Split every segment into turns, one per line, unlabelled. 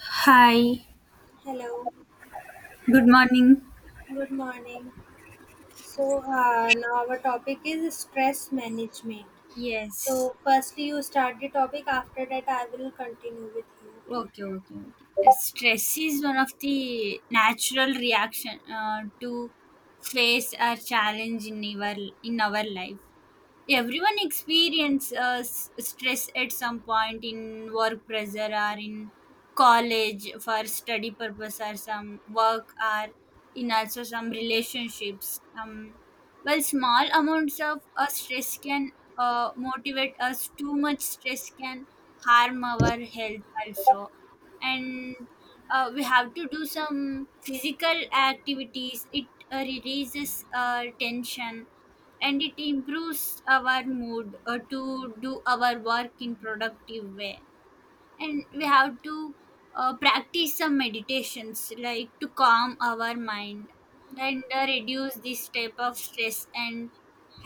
Hi,
Hello,
good morning.
good morning. So, now our topic is stress management.
Yes.
So, firstly, you start the topic. After that, I will continue with you. Okay?
Okay. Stress is one of the natural reaction to face a challenge in our life. Everyone experience stress at some point in work pressure or in college for study purpose or some work or in also some relationships well, small amounts of stress can motivate us. Too much stress can harm our health also. And we have to do some physical activities. It releases tension and it improves our mood to do our work in productive way. And we have to practice some meditations like to calm our mind and reduce this type of stress and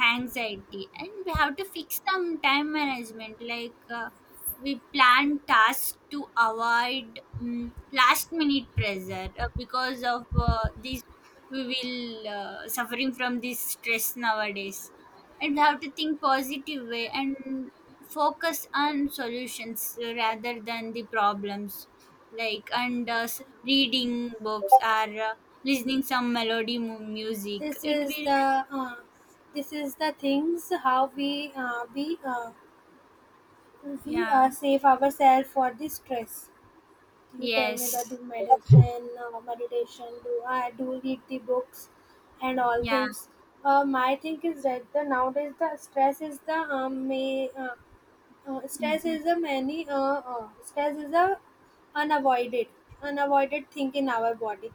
anxiety. And we have to fix some time management, like we plan tasks to avoid last minute pressure because of this, we will suffering from this stress nowadays. And have to think positive way and focus on solutions rather than the problems, like. And reading books or listening some melody music,
This
it
is
will.
the uh, this is the things how we
Yeah.
save ourselves for the stress. You tell me that
Yes.
do medicine, meditation, do I do read the books, and all
Yeah.
things. My thing is that the nowadays the stress is the may. Stress
Mm-hmm.
is a many stress is a unavoided unavoided thing in our body.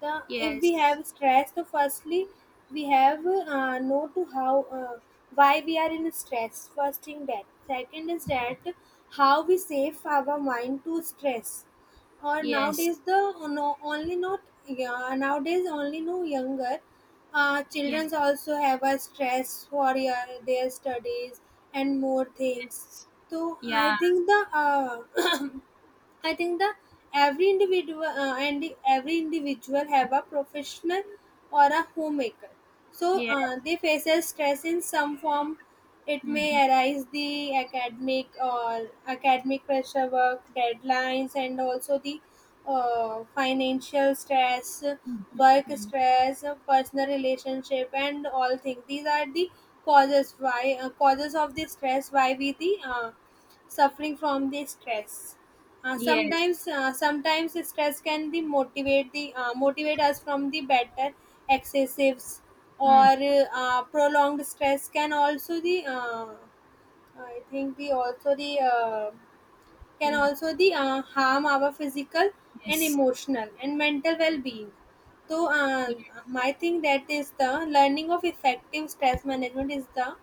If we
Yes.
have stress, so firstly we have know to how why we are in stress. First thing that. Second is that how we save our mind to stress or
Yes.
nowadays the no, only not yeah, nowadays only no younger
Yeah.
children also have a stress for yeah, their studies and more things,
Yes.
so i
Yeah.
think the uh, I think the every individual every individual have a professional or a homemaker. So
Yeah.
they faces stress in some form. It may
Mm-hmm.
arise the academic or academic pressure, work deadlines, and also the financial stress,
Mm-hmm.
work
Mm-hmm.
stress, personal relationship, and all things. These are the causes why causes of the stress. Why we the suffering from the stress.
Yes.
Sometimes stress can be motivate the motivate us from the better excessives
Mm.
or prolonged stress can also the I think the also the can
Yeah.
also the harm our physical and
Yes.
emotional and mental well-being, so
Yeah.
my thing that is the learning of effective stress management is the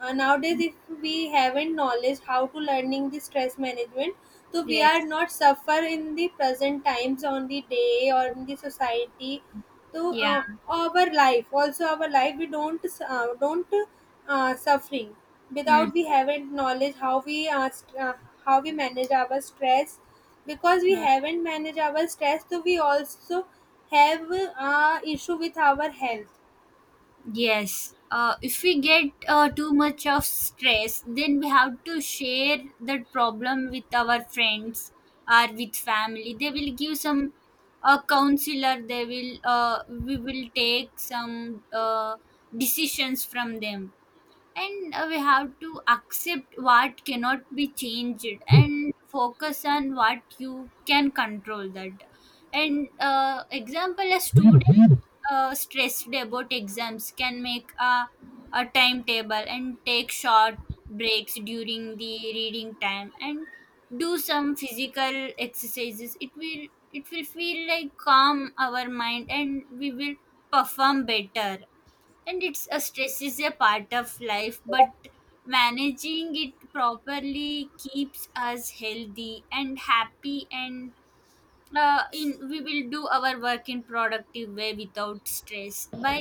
nowadays
Mm.
if we haven't knowledge how to learning the stress management, so we are
Yes.
not suffer in the present times on the day or in the society to
Yeah.
our life, also our life we don't suffering
Mm-hmm.
without we haven't knowledge how how we manage our stress, because we haven't managed our stress, so we also have issue with our health.
Yes, if we get too much of stress, then we have to share that problem with our friends or with family. They will give some counselor. They will we will take some decisions from them, and we have to accept what cannot be changed and focus on what you can control. That and example, a student stressed about exams can make a timetable and take short breaks during the reading time and do some physical exercises. It will, it will feel like calm our mind and we will perform better. And it's a stress is a part of life, but managing it properly keeps us healthy and happy. And in we will do our work in productive way without stress by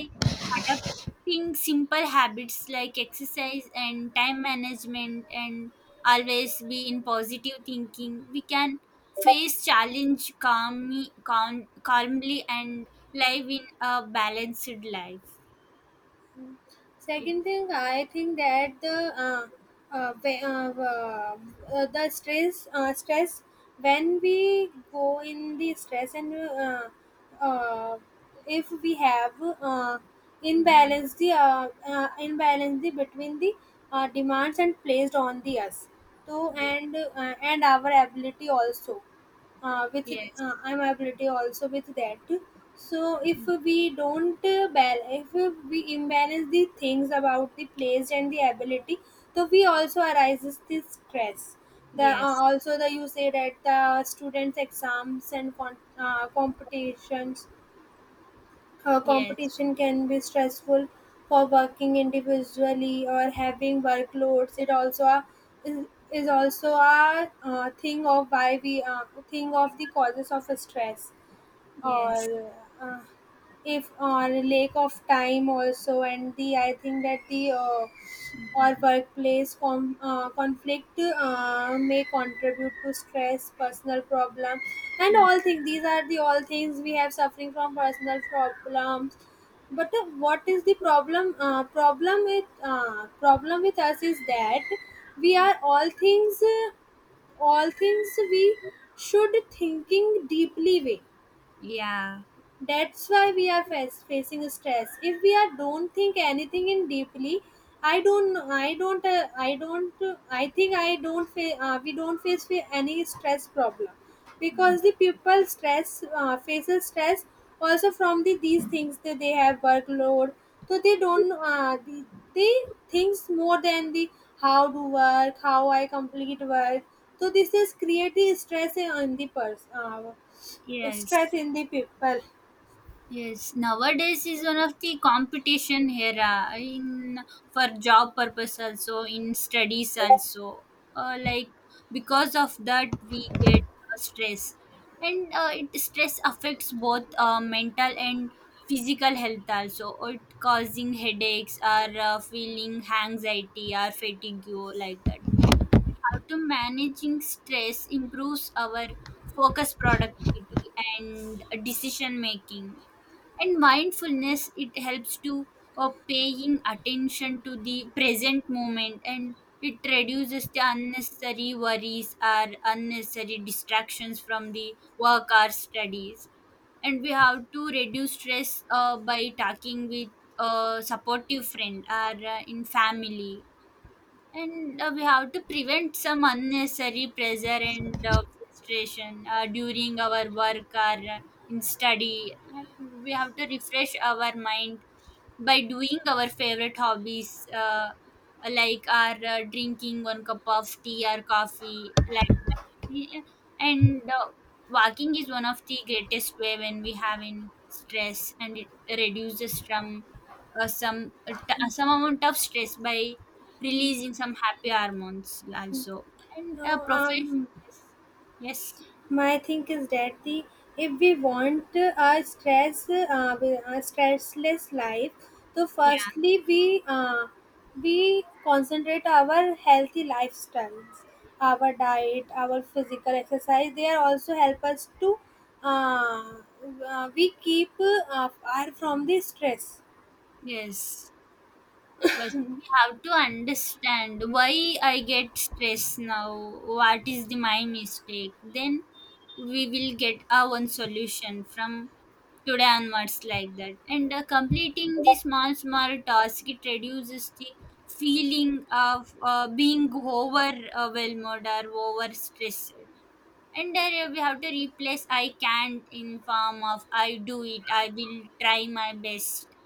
adopting simple habits like exercise and time management. And always be in positive thinking, we can face challenge calmly, calmly, and live in a balanced life. It.
Second thing, I think that the uh, ve- uh, uh, the stress when we go in the stress and uh, if we have uh,
Hmm.
imbalance the between the demands and placed on the us, so
Yes.
and our ability also with
Yes.
I'm ability also with that. So if we don't if we imbalance the things about the place and the ability, so we also arises this stress. The
Yes.
also the, you say that the students exams and competitions
Yes.
competition can be stressful for working individually or having workloads. It also a, is, is also a thing of why we think of the causes of stress
Yes.
or uh, if or lack of time also, and the I think that the or workplace conflict may contribute to stress personal problem and
Mm.
all things, these are the all things we have suffering from personal problems. But what is the problem problem with us is that we
Yeah,
are all things we should thinking deeply way,
yeah.
that's why we are facing stress. If we are don't think anything in deeply, I don't, know- I don't, I don't, I think I don't. We don't face any stress problem,
Mm.
because the people stress faces stress also from the these things that they have workload. So they don't. They thinks more than the how to work, how I complete work. So this is creating stress in the person.
Yes.
Stress in the people.
Yes, nowadays is one of the competition era in for job purpose, also in studies also. Like, because of that we get stress, and it stress affects both mental and physical health also. It causing headaches or feeling anxiety or fatigue, like that. How to managing stress improves our focus, productivity, and decision making. And mindfulness, it helps to paying attention to the present moment, and it reduces the unnecessary worries or unnecessary distractions from the work or studies. And we have to reduce stress by talking with a supportive friend or in family. And we have to prevent some unnecessary pressure and frustration during our work or in study. And we have to refresh our mind by doing our favorite hobbies, like our drinking one cup of tea or coffee, like that. Yeah. And walking is one of the greatest way when we have in stress, and it reduces from some some amount of stress by releasing some happy hormones also. And a
No,
profession. Yes. Yes.
my think is that the if we want a stress a stressless life, so
Yeah.
firstly we concentrate our healthy lifestyles, our diet, our physical exercise. They are also help us to uh, we keep far from the stress.
Yes. First we have to understand why I get stressed now, what is the my mistake. Then we will get our own solution from today onwards, like that. And completing the small small task, it reduces the feeling of being overwhelmed or over stressed. And then we have to replace I can't in form of I do it, I will try my best.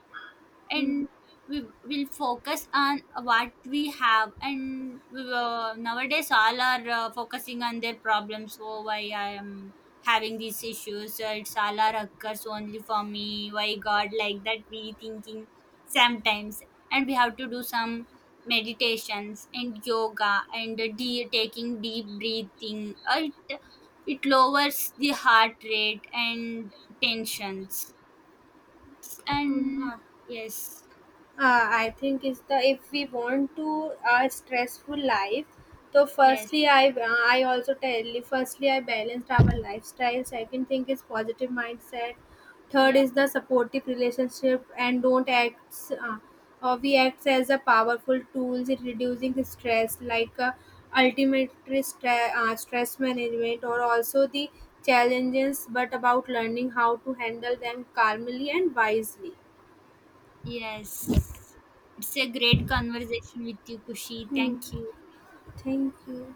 And we will focus on what we have. And we will, nowadays all are focusing on their problems. Oh, why I am having these issues? It's all are occurs only for me, why god, like that we thinking sometimes. And we have to do some meditations and yoga and taking deep breathing it, it lowers the heart rate and tensions.
Mm,
And
uh,
yes.
I think is the if we want to a stressful life. So
Yes.
firstly, I also tell you. Firstly, I balanced our lifestyle. Second thing is positive mindset. Third
Yeah,
is the supportive relationship and don't act. Uh, or we act as a powerful tools in reducing the stress, like ultimate stress management, or also the challenges, but about learning how to handle them calmly and wisely.
yes. It's a great conversation with you, Kushi. Thank you.
Thank you.